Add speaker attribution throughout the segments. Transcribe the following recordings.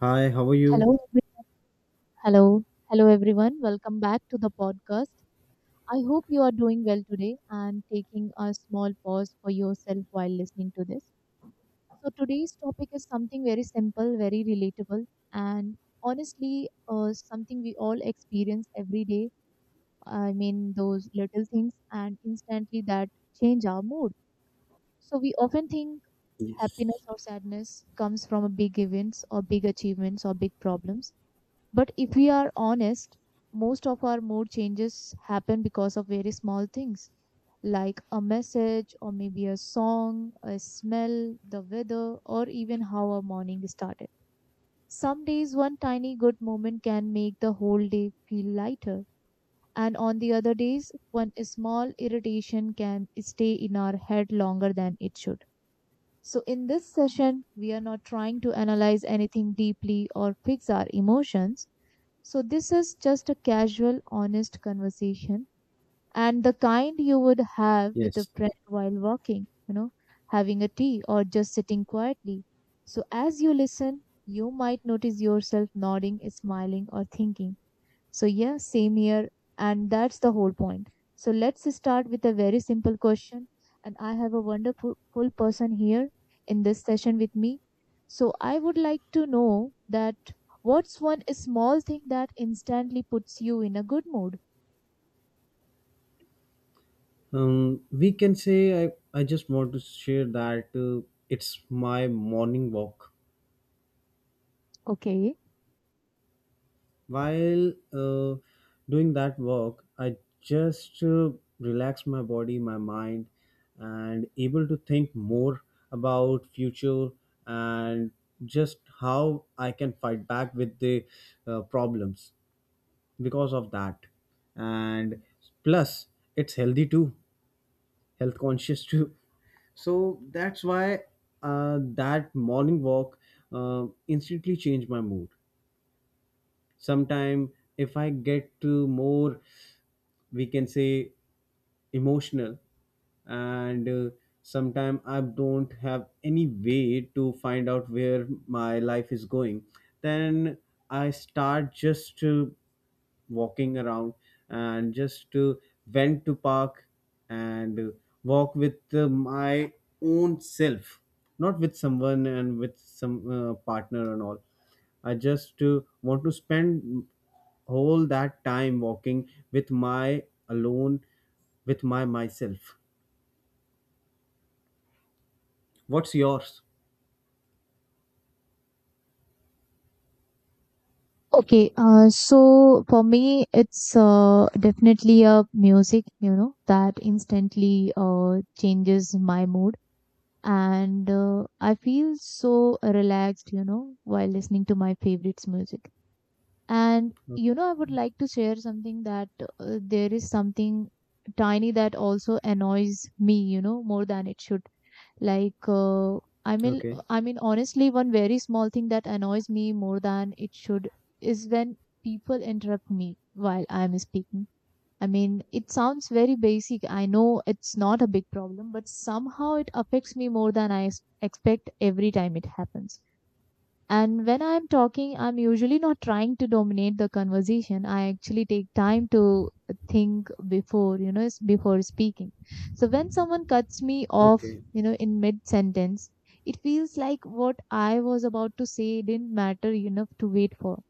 Speaker 1: Hi, how are you?
Speaker 2: Hello, hello, hello everyone. Welcome back to the podcast. I hope you are doing well today and taking a small pause for yourself while listening to this. So today's topic is something very simple, very relatable, and honestly, something we all experience every day. I mean, those little things and instantly that change our mood. So we often think
Speaker 1: Yes.
Speaker 2: happiness or sadness comes from a big events or big achievements or big problems. But if we are honest, most of our mood changes happen because of very small things like a message or maybe a song, a smell, the weather, or even how our morning started. Some days, one tiny good moment can make the whole day feel lighter. And on the other days, one small irritation can stay in our head longer than it should. So, in this session, we are not trying to analyze anything deeply or fix our emotions. So, this is just a casual, honest conversation and the kind you would have with a
Speaker 1: Yes.
Speaker 2: friend while walking, having a tea or just sitting quietly. So, as you listen, you might notice yourself nodding, smiling, or thinking. So, yeah, same here. And that's the whole point. So, let's start with a very simple question. And I have a wonderful full person here in this session with me. So, I would like to know that what's one small thing that instantly puts you in a good mood?
Speaker 1: We can say I just want to share that it's my morning walk.
Speaker 2: Okay.
Speaker 1: While doing that walk, I just relax my body, my mind, and able to think more about future and just how I can fight back with the problems because of that. And plus, it's healthy too, health conscious too. So that's why that morning walk instantly changed my mood. Sometime if I get to more, we can say, emotional, and sometimes I don't have any way to find out where my life is going. Then I start just walking around and just went to park and walk with my own self, not with someone and with some partner and all. I just want to spend all that time walking with my alone with my myself. What's yours?
Speaker 2: Okay, so for me, it's definitely a music, you know, that instantly changes my mood. And I feel so relaxed, you know, while listening to my favorites music. And
Speaker 1: O-
Speaker 2: you know, I would like to share something that there is something tiny that also annoys me, you know, more than it should. Like, uh, I mean,
Speaker 1: okay.
Speaker 2: I mean, honestly, one very small thing that annoys me more than it should is when people interrupt me while I'm speaking. I mean, it sounds very basic. I know it's not a big problem, but somehow it affects me more than expect every time it happens. And when I'm talking, I'm usually not trying to dominate the conversation. I actually take time to think before, you know, before speaking. So when someone cuts me off,
Speaker 1: Okay.
Speaker 2: you know, in mid sentence, it feels like what I was about to say didn't matter enough to wait for.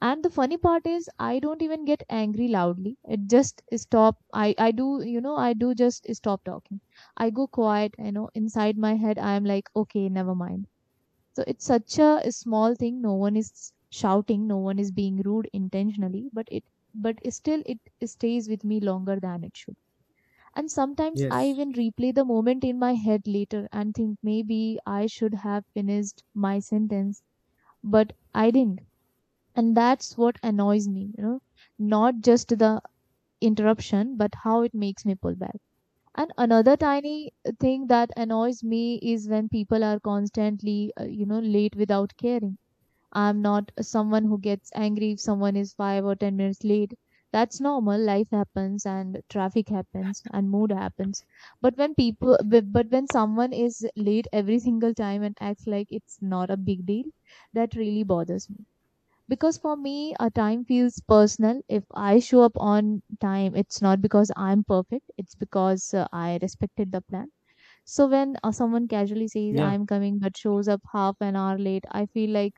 Speaker 2: And the funny part is I don't even get angry loudly. It just stop i i do, you know, I do just stop talking. I go quiet. You know, inside my head I am like, okay, never mind. So it's such a small thing. No one is shouting, no one is being rude intentionally, but it but still it stays with me longer than it should. And sometimes I
Speaker 1: Yes.
Speaker 2: even replay the moment in my head later and think maybe I should have finished my sentence, but I didn't. And that's what annoys me, you know, not just the interruption, but how it makes me pull back. And another tiny thing that annoys me is when people are constantly you know, late without caring. I'm not someone who gets angry if someone is 5 or 10 minutes late. That's normal. Life happens and traffic happens and mood happens. But when but when someone is late every single time and acts like it's not a big deal, that really bothers me. Because for me a time feels personal. If I show up on time, it's not because I'm perfect, it's because I respected the plan. So when someone casually says
Speaker 1: Yeah.
Speaker 2: I'm coming but shows up half an hour late, I feel like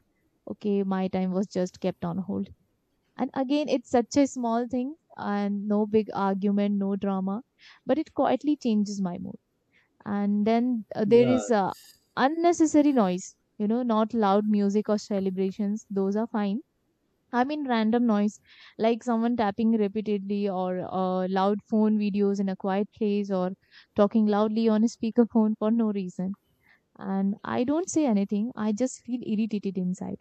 Speaker 2: okay, my time was just kept on hold. And again, it's such a small thing, and no big argument, no drama, but it quietly changes my mood. And then there is
Speaker 1: Yes.
Speaker 2: unnecessary noise, you know, not loud music or celebrations, those are fine. I mean, random noise like someone tapping repeatedly, or loud phone videos in a quiet place, or talking loudly on a speakerphone for no reason. And I don't say anything, I just feel irritated inside.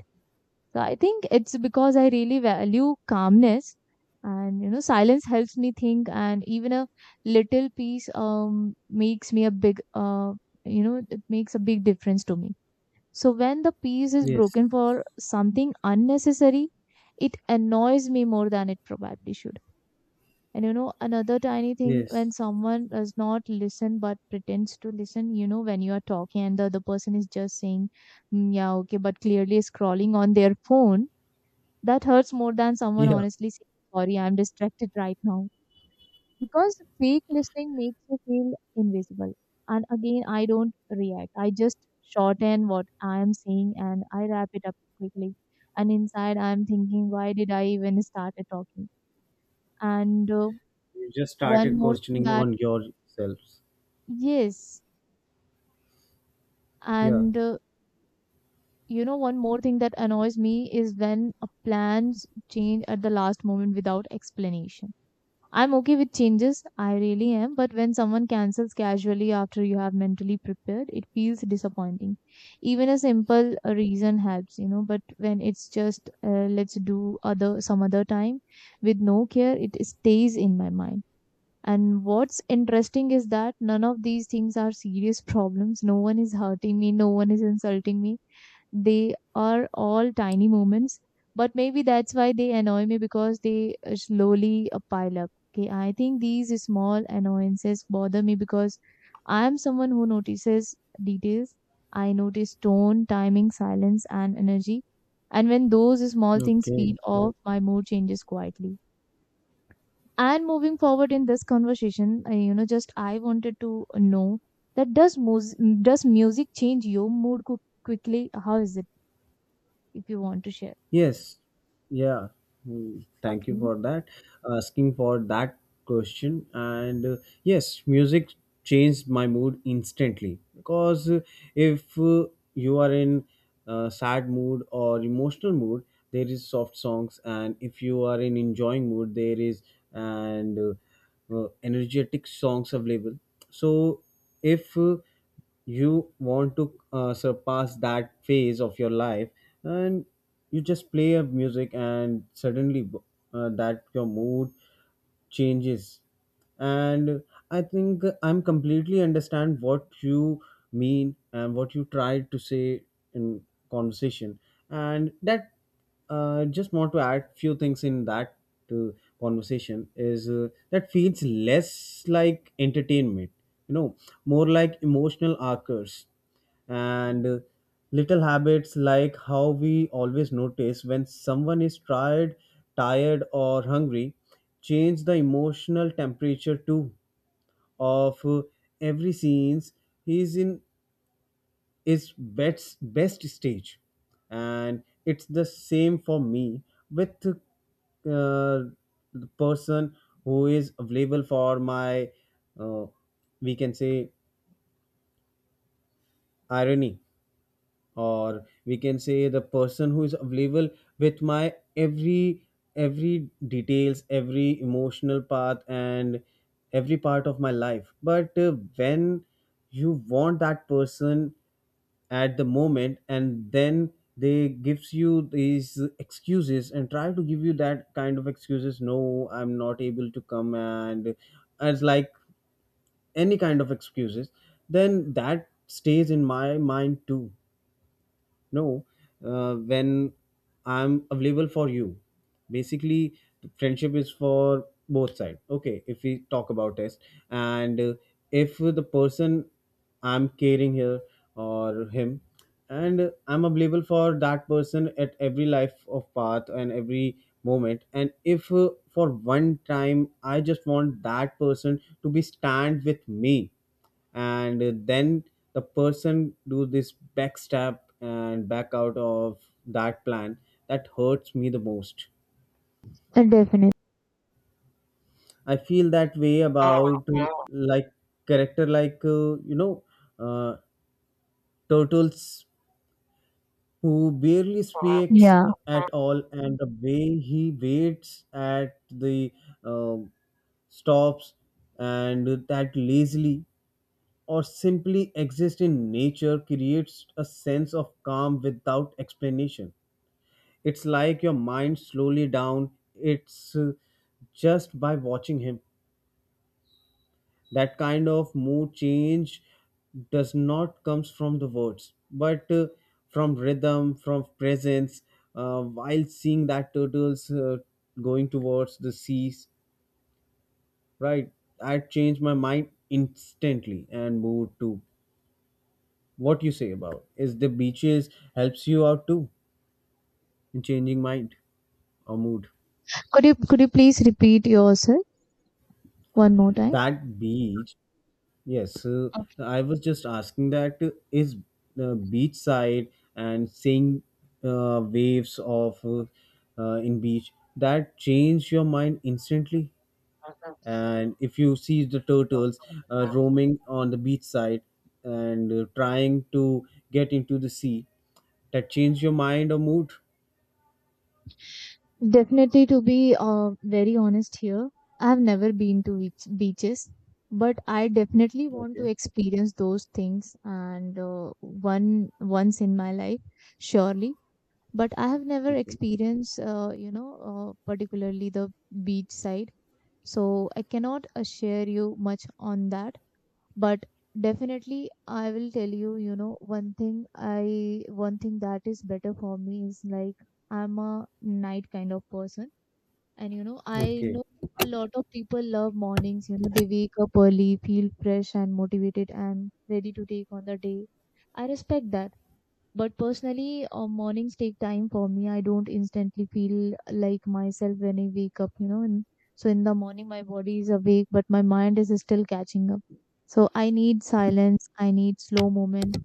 Speaker 2: So I think it's because I really value calmness, and you know, silence helps me think, and even a little peace makes me a you know, it makes a big difference to me. So when the peace is
Speaker 1: Yes.
Speaker 2: broken for something unnecessary, it annoys me more than it probably should. And you know, another tiny thing
Speaker 1: Yes.
Speaker 2: when someone does not listen but pretends to listen, you know, when you are talking and the other person is just saying, "Mm, yeah, okay," but clearly scrolling on their phone, that hurts more than someone
Speaker 1: Yeah.
Speaker 2: honestly saying, sorry, I'm distracted right now. Because fake listening makes you feel invisible. And again, I don't react, I just shorten what I am saying and I wrap it up quickly. And inside I'm thinking, why did I even start talking? And
Speaker 1: You just
Speaker 2: one
Speaker 1: started
Speaker 2: more thing
Speaker 1: questioning
Speaker 2: that
Speaker 1: on yourselves.
Speaker 2: yes,
Speaker 1: Yeah.
Speaker 2: and you know, one more thing that annoys me is when plans change at the last moment without explanation. I'm okay with changes, I really am, but when someone cancels casually after you have mentally prepared, it feels disappointing. Even a simple reason helps, you know, but when it's just let's do other some other time with no care, it stays in my mind. And what's interesting is that none of these things are serious problems. No one is hurting me, no one is insulting me. They are all tiny moments, but maybe that's why they annoy me because they slowly pile up. Okay, I think these small annoyances bother me because I am someone who notices details. I notice tone, timing, silence, and energy. And when those small things
Speaker 1: Okay.
Speaker 2: feel off, my mood changes quietly. And moving forward in this conversation, you know, just I wanted to know that does music change your quickly? How is it? If you want to share.
Speaker 1: Yes, yeah. Thank you
Speaker 2: Okay.
Speaker 1: for that. Asking for that question. And yes, music changed my mood instantly because if you are in sad mood or emotional mood, there is soft songs, and if you are in enjoying mood, there is and energetic songs available. So if you want to surpass that phase of your life and you just play a music and suddenly that your mood changes. And I think I'm completely understand what you mean and what you tried to say in conversation. And that, just want to add few things in that uh, conversation, is that feels less like entertainment, you know more like emotional anchors. And little habits, like how we always notice when someone is tired or hungry, change the emotional temperature too of every scenes he is in is best stage. And it's the same for me with the person who is available for my, uh, we can say, irony, or we can say the person who is available with my every details, every emotional path, and every part of my life. But when you want that person at the moment and then they gives you these excuses and try to give you that kind of excuses, no, I'm not able to come, and as like any kind of excuses, then that stays in my mind too. No, when I'm available for you, basically friendship is for both sides, okay? If we talk about test, and if the person I'm caring here or him, and I'm available for that person at every life of path and every moment, and if for one time I just want that person to be stand with me, and then the person do this backstab and back out of that plan, that hurts me the most.
Speaker 2: Definitely.
Speaker 1: I feel that way about, like character, like uh, turtles who barely speaks
Speaker 2: Yeah.
Speaker 1: at all, and the way he waits at the um, stops and that lazily or simply exist in nature creates a sense of calm without explanation. It's like your mind slowly down. It's just by watching him. That kind of mood change does not comes from the words, but from rhythm, from presence. While seeing that turtles going towards the seas, right? I changed my mind instantly and mood too. What you say about is the beaches helps you out too in changing mind or mood?
Speaker 2: Could you please repeat yourself one more time?
Speaker 1: That beach. Yes, I was just asking that, is the beach side and seeing waves of in beach that change your mind instantly, and if you see the turtles roaming on the beach side and trying to get into the sea, that change your mind or mood?
Speaker 2: Definitely, to be very honest here, I've never been to beaches, but I definitely want to
Speaker 1: Okay.
Speaker 2: experience those things and one once in my life, surely. But I have never
Speaker 1: Okay.
Speaker 2: experienced, you know, particularly the beach side, so I cannot share you much on that. But definitely I will tell you, you know, one thing that is better for me is like I'm a night kind of person. And you know, I
Speaker 1: Okay.
Speaker 2: know a lot of people love mornings, you know, they wake up early, feel fresh and motivated and ready to take on the day. I respect that. But personally, mornings take time for me. I don't instantly feel like myself when I wake up, you know. And so in the morning, my body is awake, but my mind is still catching up. So I need silence. I need slow movement.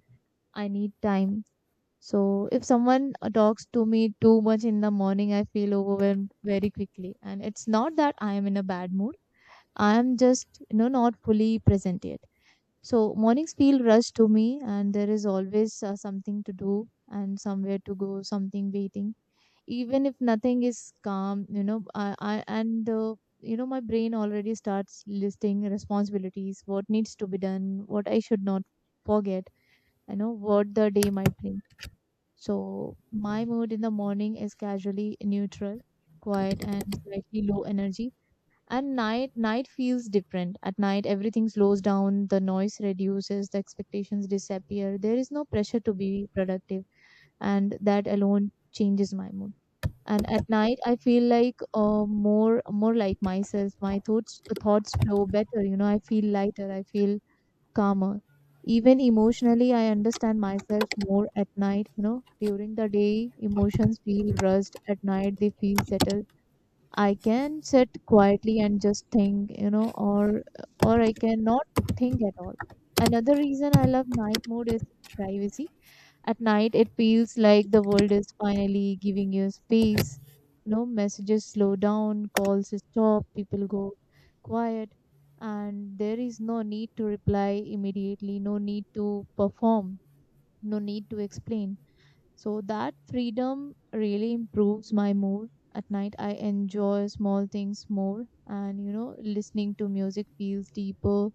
Speaker 2: I need time. So if someone talks to me too much in the morning, I feel overwhelmed very quickly. And it's not that I am in a bad mood. I am just, you know, not fully present yet. So mornings feel rushed to me, and there is always something to do and somewhere to go, something waiting. Even if nothing is calm, you know, I and you know, my brain already starts listing responsibilities, what needs to be done, what I should not forget, you know, what the day might bring. So my mood in the morning is casually neutral, quiet, and slightly low energy. And night feels different. At night everything slows down, the noise reduces, the expectations disappear, there is no pressure to be productive. And that alone changes my mood. And at night I feel like more like myself. My thoughts flow better, you know. I feel lighter, I feel calmer. Even emotionally I understand myself more at night, you know. During the day emotions feel rushed, at night they feel settled. I can sit quietly and just think, you know, or I cannot think at all. Another reason I love night mode is privacy. At night, it feels like the world is finally giving you space. No messages slow down, calls stop, people go quiet, and there is no need to reply immediately, no need to perform, no need to explain. So that freedom really improves my mood. At night, I enjoy small things more, and you know, listening to music feels deeper,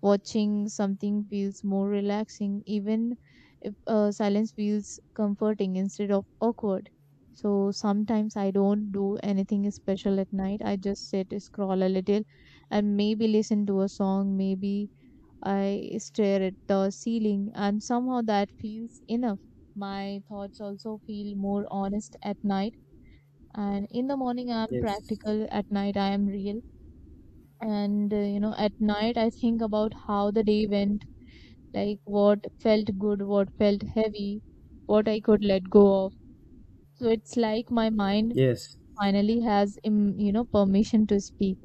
Speaker 2: watching something feels more relaxing, even if silence feels comforting instead of awkward. So sometimes I don't do anything special at night. I just sit, scroll a little, and maybe listen to a song, maybe I stare at the ceiling, and somehow that feels enough. My thoughts also feel more honest at night, and in the morning, I'm
Speaker 1: Yes,
Speaker 2: practical, at night, I am real. And at night, I think about how the day went, like what felt good, what felt heavy, what I could let go of. So it's like my mind
Speaker 1: yes,
Speaker 2: finally has permission to speak.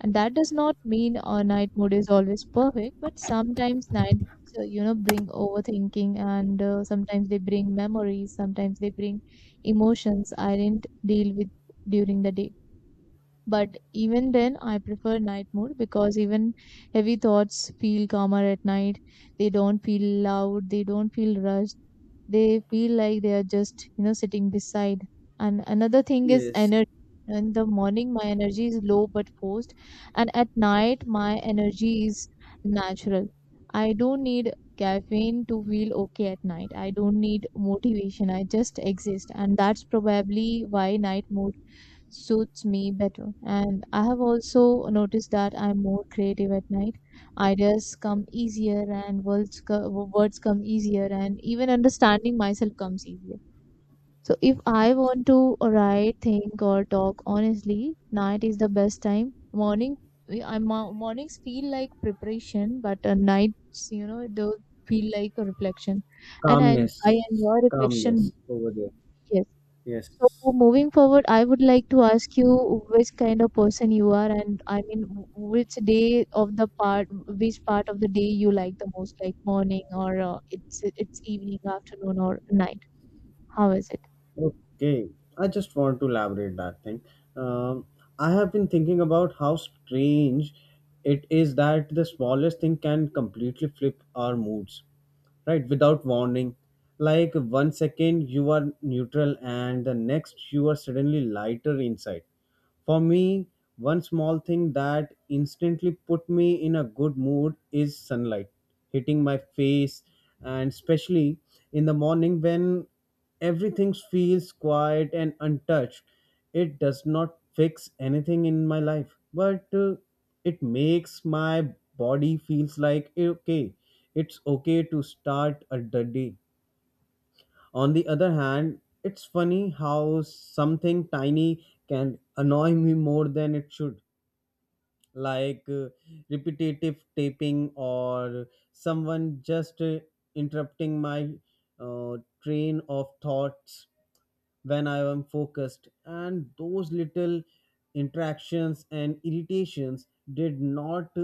Speaker 2: And that does not mean our night mode is always perfect, but sometimes nights, bring overthinking and sometimes they bring memories, sometimes they bring emotions I didn't deal with during the day. But even then, I prefer night mode because even heavy thoughts feel calmer at night. They don't feel loud, they don't feel rushed. They feel like they are just sitting beside. And another thing is
Speaker 1: yes.
Speaker 2: energy. In the morning, my energy is low but forced, and at night, my energy is natural. I don't need caffeine to feel okay at night. I don't need motivation. I just exist, and that's probably why night mode suits me better. And I have also noticed that I'm more creative at night. Ideas come easier, and words come easier, and even understanding myself comes easier. So if I want to write, think, or talk honestly, night is the best time. Morning, mornings feel like preparation, but nights, do feel like a reflection, and I,
Speaker 1: Calmness,
Speaker 2: I enjoy
Speaker 1: calmness
Speaker 2: reflection.
Speaker 1: over there.
Speaker 2: So
Speaker 1: Yes.
Speaker 2: moving forward, I would like to ask you which kind of person you are, and I mean, which day of the part, which part of the day you like the most, like morning or it's evening, afternoon, or night. How is it?
Speaker 1: Okay. I just want to elaborate that thing. Um, I have been thinking about how strange it is that the smallest thing can completely flip our moods, right? Without warning. Like one second you are neutral and the next you are suddenly lighter inside. For me, one small thing that instantly put me in a good mood is sunlight hitting my face, and especially in the morning when everything feels quiet and untouched. It does not fix anything in my life, but it makes my body feels like, "Eh, okay, it's okay to start a day." On the other hand, it's funny how something tiny can annoy me more than it should, like repetitive taping or someone just interrupting my uh, train of thoughts when I am focused. And those little interactions and irritations did not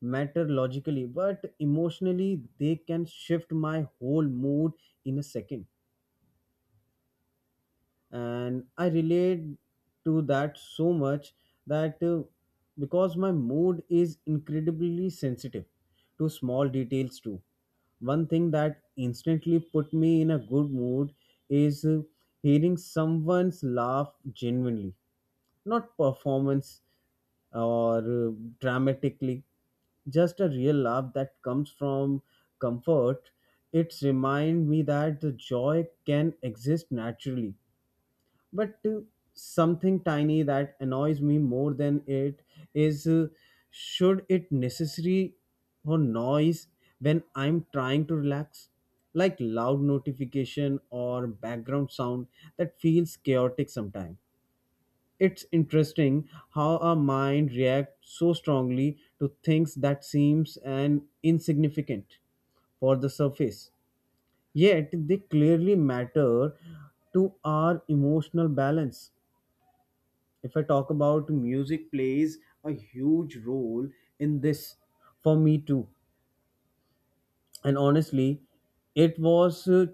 Speaker 1: matter logically, but emotionally, they can shift my whole mood in a second. And I relate to that so much, that because my mood is incredibly sensitive to small details too. One thing that instantly put me in a good mood is hearing someone's laugh genuinely, not performance or dramatically, just a real laugh that comes from comfort. It's remind me that the joy can exist naturally. But something tiny that annoys me more than it is, should it necessary for noise when I'm trying to relax, like loud notification or background sound that feels chaotic sometimes. It's interesting how our mind reacts so strongly to things that seems and insignificant for the surface, yet they clearly matter to our emotional balance. If I talk about music, plays a huge role in this for me too. And honestly, it was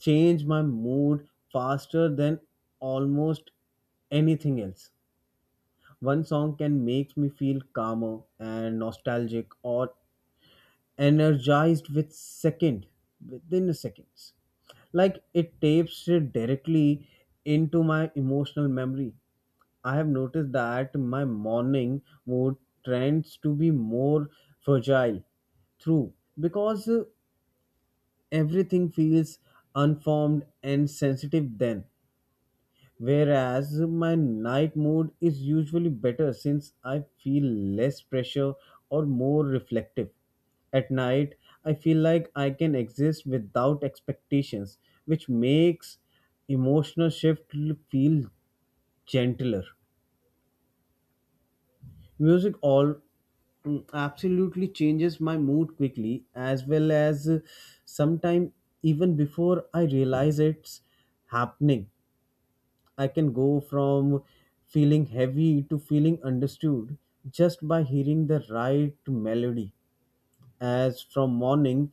Speaker 1: change my mood faster than almost anything else. One song can make me feel calmer and nostalgic or energized with second within seconds. Like it tapes it directly into my emotional memory. I have noticed that my morning mood tends to be more fragile through, because everything feels unformed and sensitive then. Whereas my night mood is usually better since I feel less pressure or more reflective. At night, I feel like I can exist without expectations, which makes emotional shift feel gentler. Music all, absolutely changes my mood quickly, as well as sometime even before I realize it's happening. I can go from feeling heavy to feeling understood just by hearing the right melody. As from morning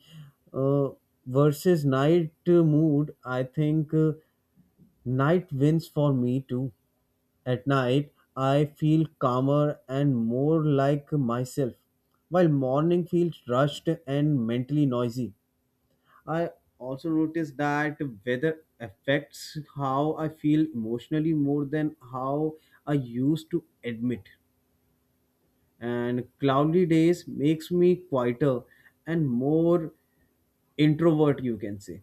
Speaker 1: uh, versus night mood, I think. Night wins for me too. At night, I feel calmer and more like myself, while morning feels rushed and mentally noisy. I also notice that weather affects how I feel emotionally more than how I used to admit. And cloudy days makes me quieter and more introvert, you can say,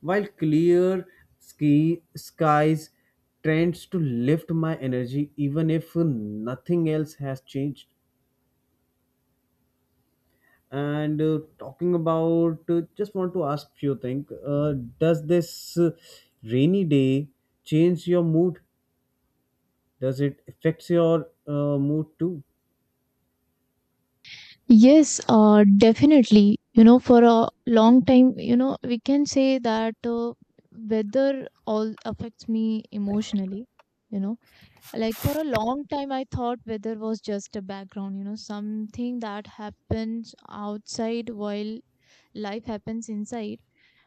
Speaker 1: while clear skies tends to lift my energy even if nothing else has changed. And talking about, just want to ask few things. Does this rainy day change your mood? Does it affects your mood too?
Speaker 2: Yes, definitely. You know, for a long time, you know, we can say that weather all affects me emotionally. You know. Like for a long time, I thought weather was just a background, you know, something that happens outside while life happens inside.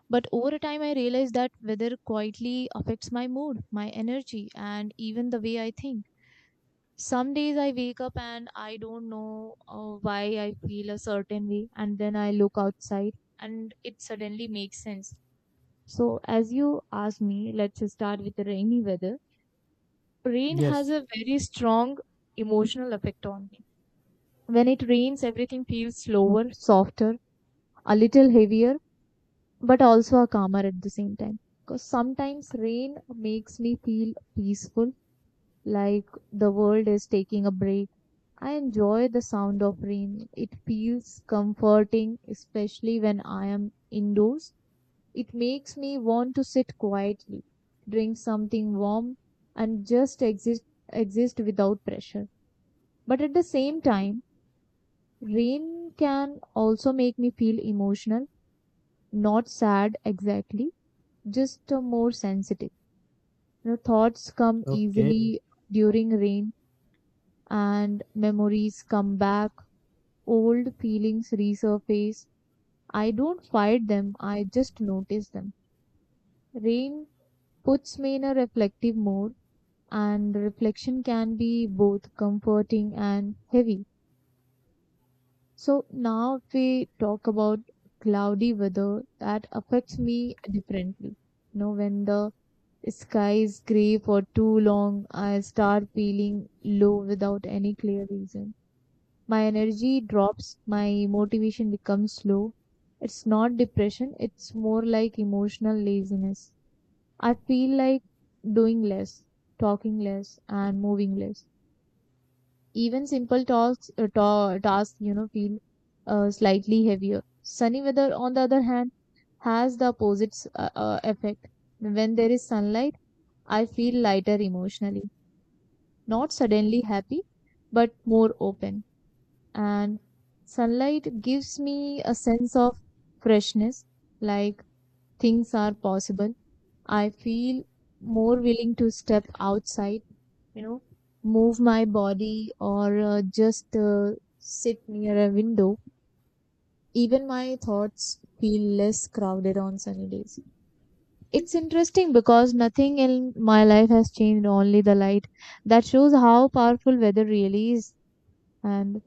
Speaker 2: But over time, I realized that weather quietly affects my mood, my energy, and even the way I think. Some days I wake up and I don't know why I feel a certain way, and then I look outside and it suddenly makes sense. So, as you asked me, let's start with the rainy weather. Rain has
Speaker 1: Yes.
Speaker 2: a very strong emotional effect on me. When it rains, everything feels slower, softer, a little heavier, but also calmer at the same time. Because sometimes rain makes me feel peaceful, like the world is taking a break. I enjoy the sound of rain. It feels comforting, especially when I am indoors. It makes me want to sit quietly, drink something warm, and just exist, exist without pressure. But at the same time, rain can also make me feel emotional, not sad exactly, just more sensitive. You know, thoughts come
Speaker 1: Okay.
Speaker 2: easily during rain and memories come back, old feelings resurface. I don't fight them, I just notice them. Rain puts me in a reflective mode, and reflection can be both comforting and heavy. So now if we talk about cloudy weather, that affects me differently. You know, when the sky is gray for too long, I start feeling low without any clear reason. My energy drops, my motivation becomes slow. It's not depression, it's more like emotional laziness. I feel like doing less, talking less, and moving less. Even simple talks, tasks, you know, feel slightly heavier. Sunny weather, on the other hand, has the opposite effect. When there is sunlight, I feel lighter emotionally, not suddenly happy, but more open. And sunlight gives me a sense of freshness, like things are possible. I feel more willing to step outside, you know, move my body or just sit near a window. Even my thoughts feel less crowded on sunny days. It's interesting because nothing in my life has changed, only the light. That shows how powerful weather really is. And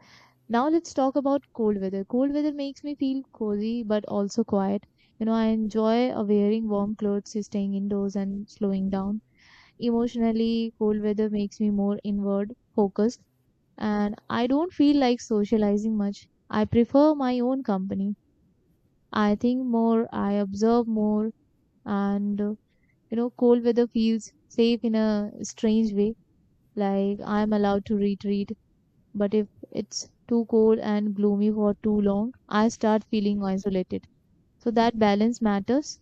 Speaker 2: now let's talk about cold weather. Cold weather makes me feel cozy but also quiet. You know, I enjoy wearing warm clothes, staying indoors, and slowing down. Emotionally cold weather makes me more inward focused, and I don't feel like socializing much. I prefer my own company. I think more, I observe more, and cold weather feels safe in a strange way. Like I'm allowed to retreat, but if it's too cold and gloomy for too long, I start feeling isolated. So that balance matters.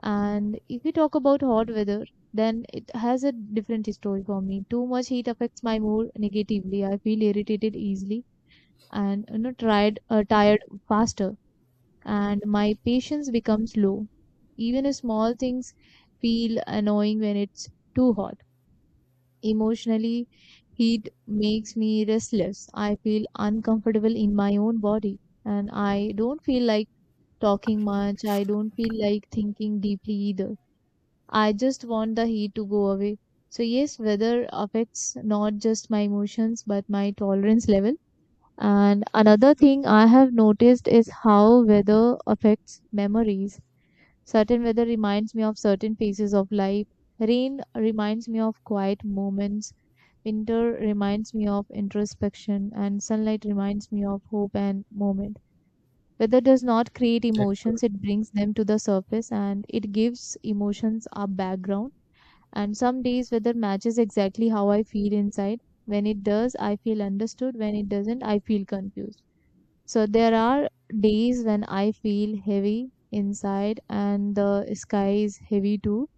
Speaker 2: And if we talk about hot weather, then it has a different story for me. Too much heat affects my mood negatively. I feel irritated easily and you know tried tired faster, and my patience becomes low. Even small things feel annoying when it's too hot. Emotionally, heat makes me restless. I feel uncomfortable in my own body, and I don't feel like talking much. I don't feel like thinking deeply either. I just want the heat to go away. So yes, weather affects not just my emotions but my tolerance level. And another thing I have noticed is how weather affects memories. Certain weather reminds me of certain phases of life. Rain reminds me of quiet moments. Winter reminds me of introspection, and sunlight reminds me of hope and moment. Weather does not create
Speaker 1: That's good.
Speaker 2: emotions, it brings them to the surface and it gives emotions a background. And some days, weather matches exactly how I feel inside. When it does, I feel understood. When it doesn't, I feel confused. So there are days when I feel heavy inside and the sky is heavy too.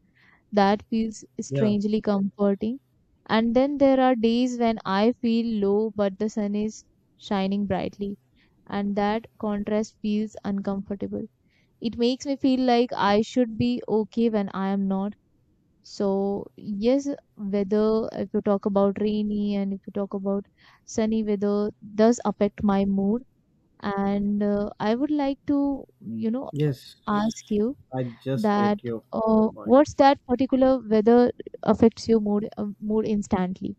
Speaker 2: That feels
Speaker 1: Yeah.
Speaker 2: strangely comforting. And then there are days when I feel low but the sun is shining brightly, and that contrast feels uncomfortable. It makes me feel like I should be okay when I am not. So yes, weather, if you talk about rainy and if you talk about sunny weather, does affect my mood, and I would like to, you know,
Speaker 1: Yes,
Speaker 2: ask you
Speaker 1: I just
Speaker 2: that
Speaker 1: get your point.
Speaker 2: what's that particular weather affects your mood instantly?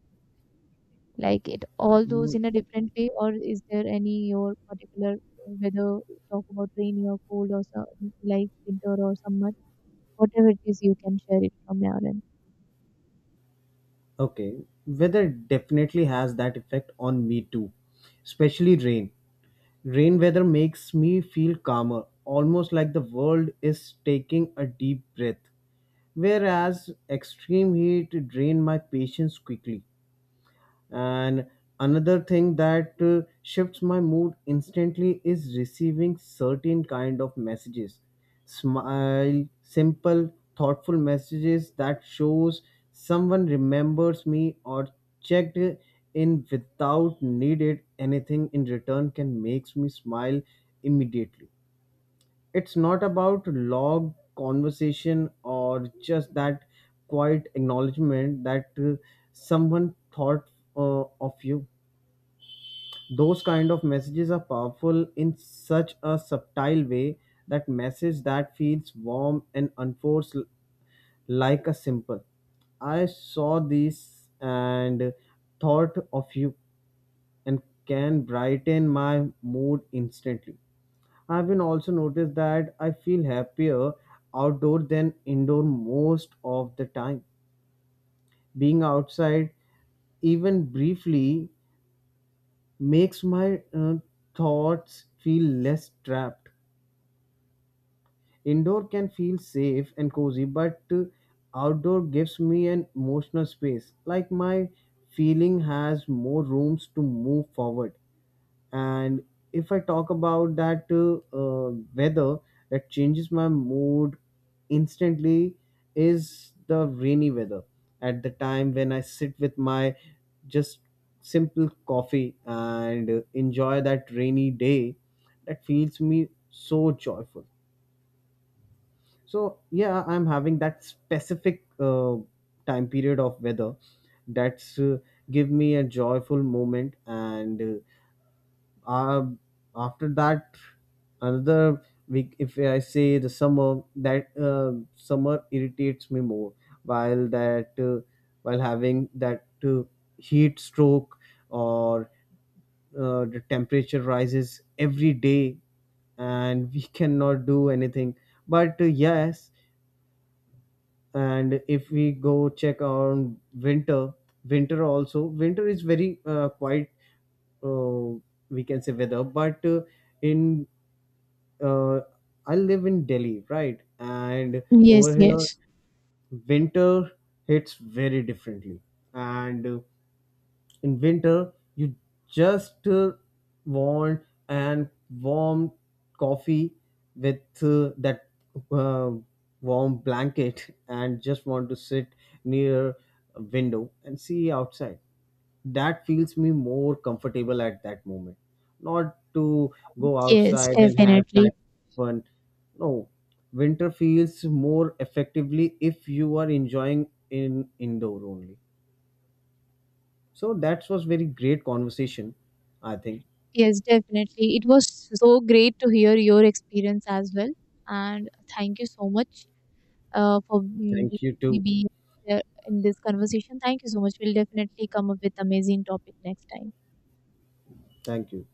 Speaker 2: Like it all goes
Speaker 1: Mm,
Speaker 2: in a different way, or is there any your particular weather, talk about rainy or cold or so, like winter or summer, whatever it is, you can share it from your end.
Speaker 1: Okay, weather definitely has that effect on me too, especially rain. Rain weather makes me feel calmer, almost like the world is taking a deep breath. Whereas extreme heat drain my patience quickly. And another thing that shifts my mood instantly is receiving certain kind of messages. Smile, simple, thoughtful messages that shows someone remembers me or checked in without needed anything in return can makes me smile immediately. It's not about log conversation or just that quiet acknowledgement that someone thought of you. Those kind of messages are powerful in such a subtle way, that message that feels warm and unforced, like a simple, "I saw this and thought of you," and can brighten my mood instantly. I've been also noticed that I feel happier outdoor than indoor most of the time. Being outside, even briefly, makes my thoughts feel less trapped. Indoor can feel safe and cozy, but outdoor gives me an emotional space. Like my feeling has more rooms to move forward. And if I talk about that, weather that changes my mood instantly is the rainy weather, at the time when I sit with my just simple coffee and enjoy that rainy day, that feels me so joyful. So yeah, I'm having that specific time period of weather that's give me a joyful moment. And uh, after that, another week, if I say the summer, that summer irritates me more, while that, while having that heat stroke or the temperature rises every day and we cannot do anything, but yes. And if we go check on winter also, winter is very quite, uh, we can say, weather, but in, uh, I live in Delhi, right? And over
Speaker 2: Yes,
Speaker 1: here,
Speaker 2: yes.
Speaker 1: winter hits very differently. And in winter, you just want and warm coffee with that uh, warm blanket and just want to sit near a window and see outside, that feels me more comfortable at that moment, not to go
Speaker 2: Yes,
Speaker 1: outside and have that
Speaker 2: definitely.
Speaker 1: fun. No, winter feels more effectively if you are enjoying in indoor only. So that was very great conversation, I think.
Speaker 2: Yes, definitely. It was so great to hear your experience as well. And thank you so much. For
Speaker 1: Thank you too.
Speaker 2: maybe uh, in this conversation. Thank you so much. We'll definitely come up with amazing topic next time.
Speaker 1: Thank you.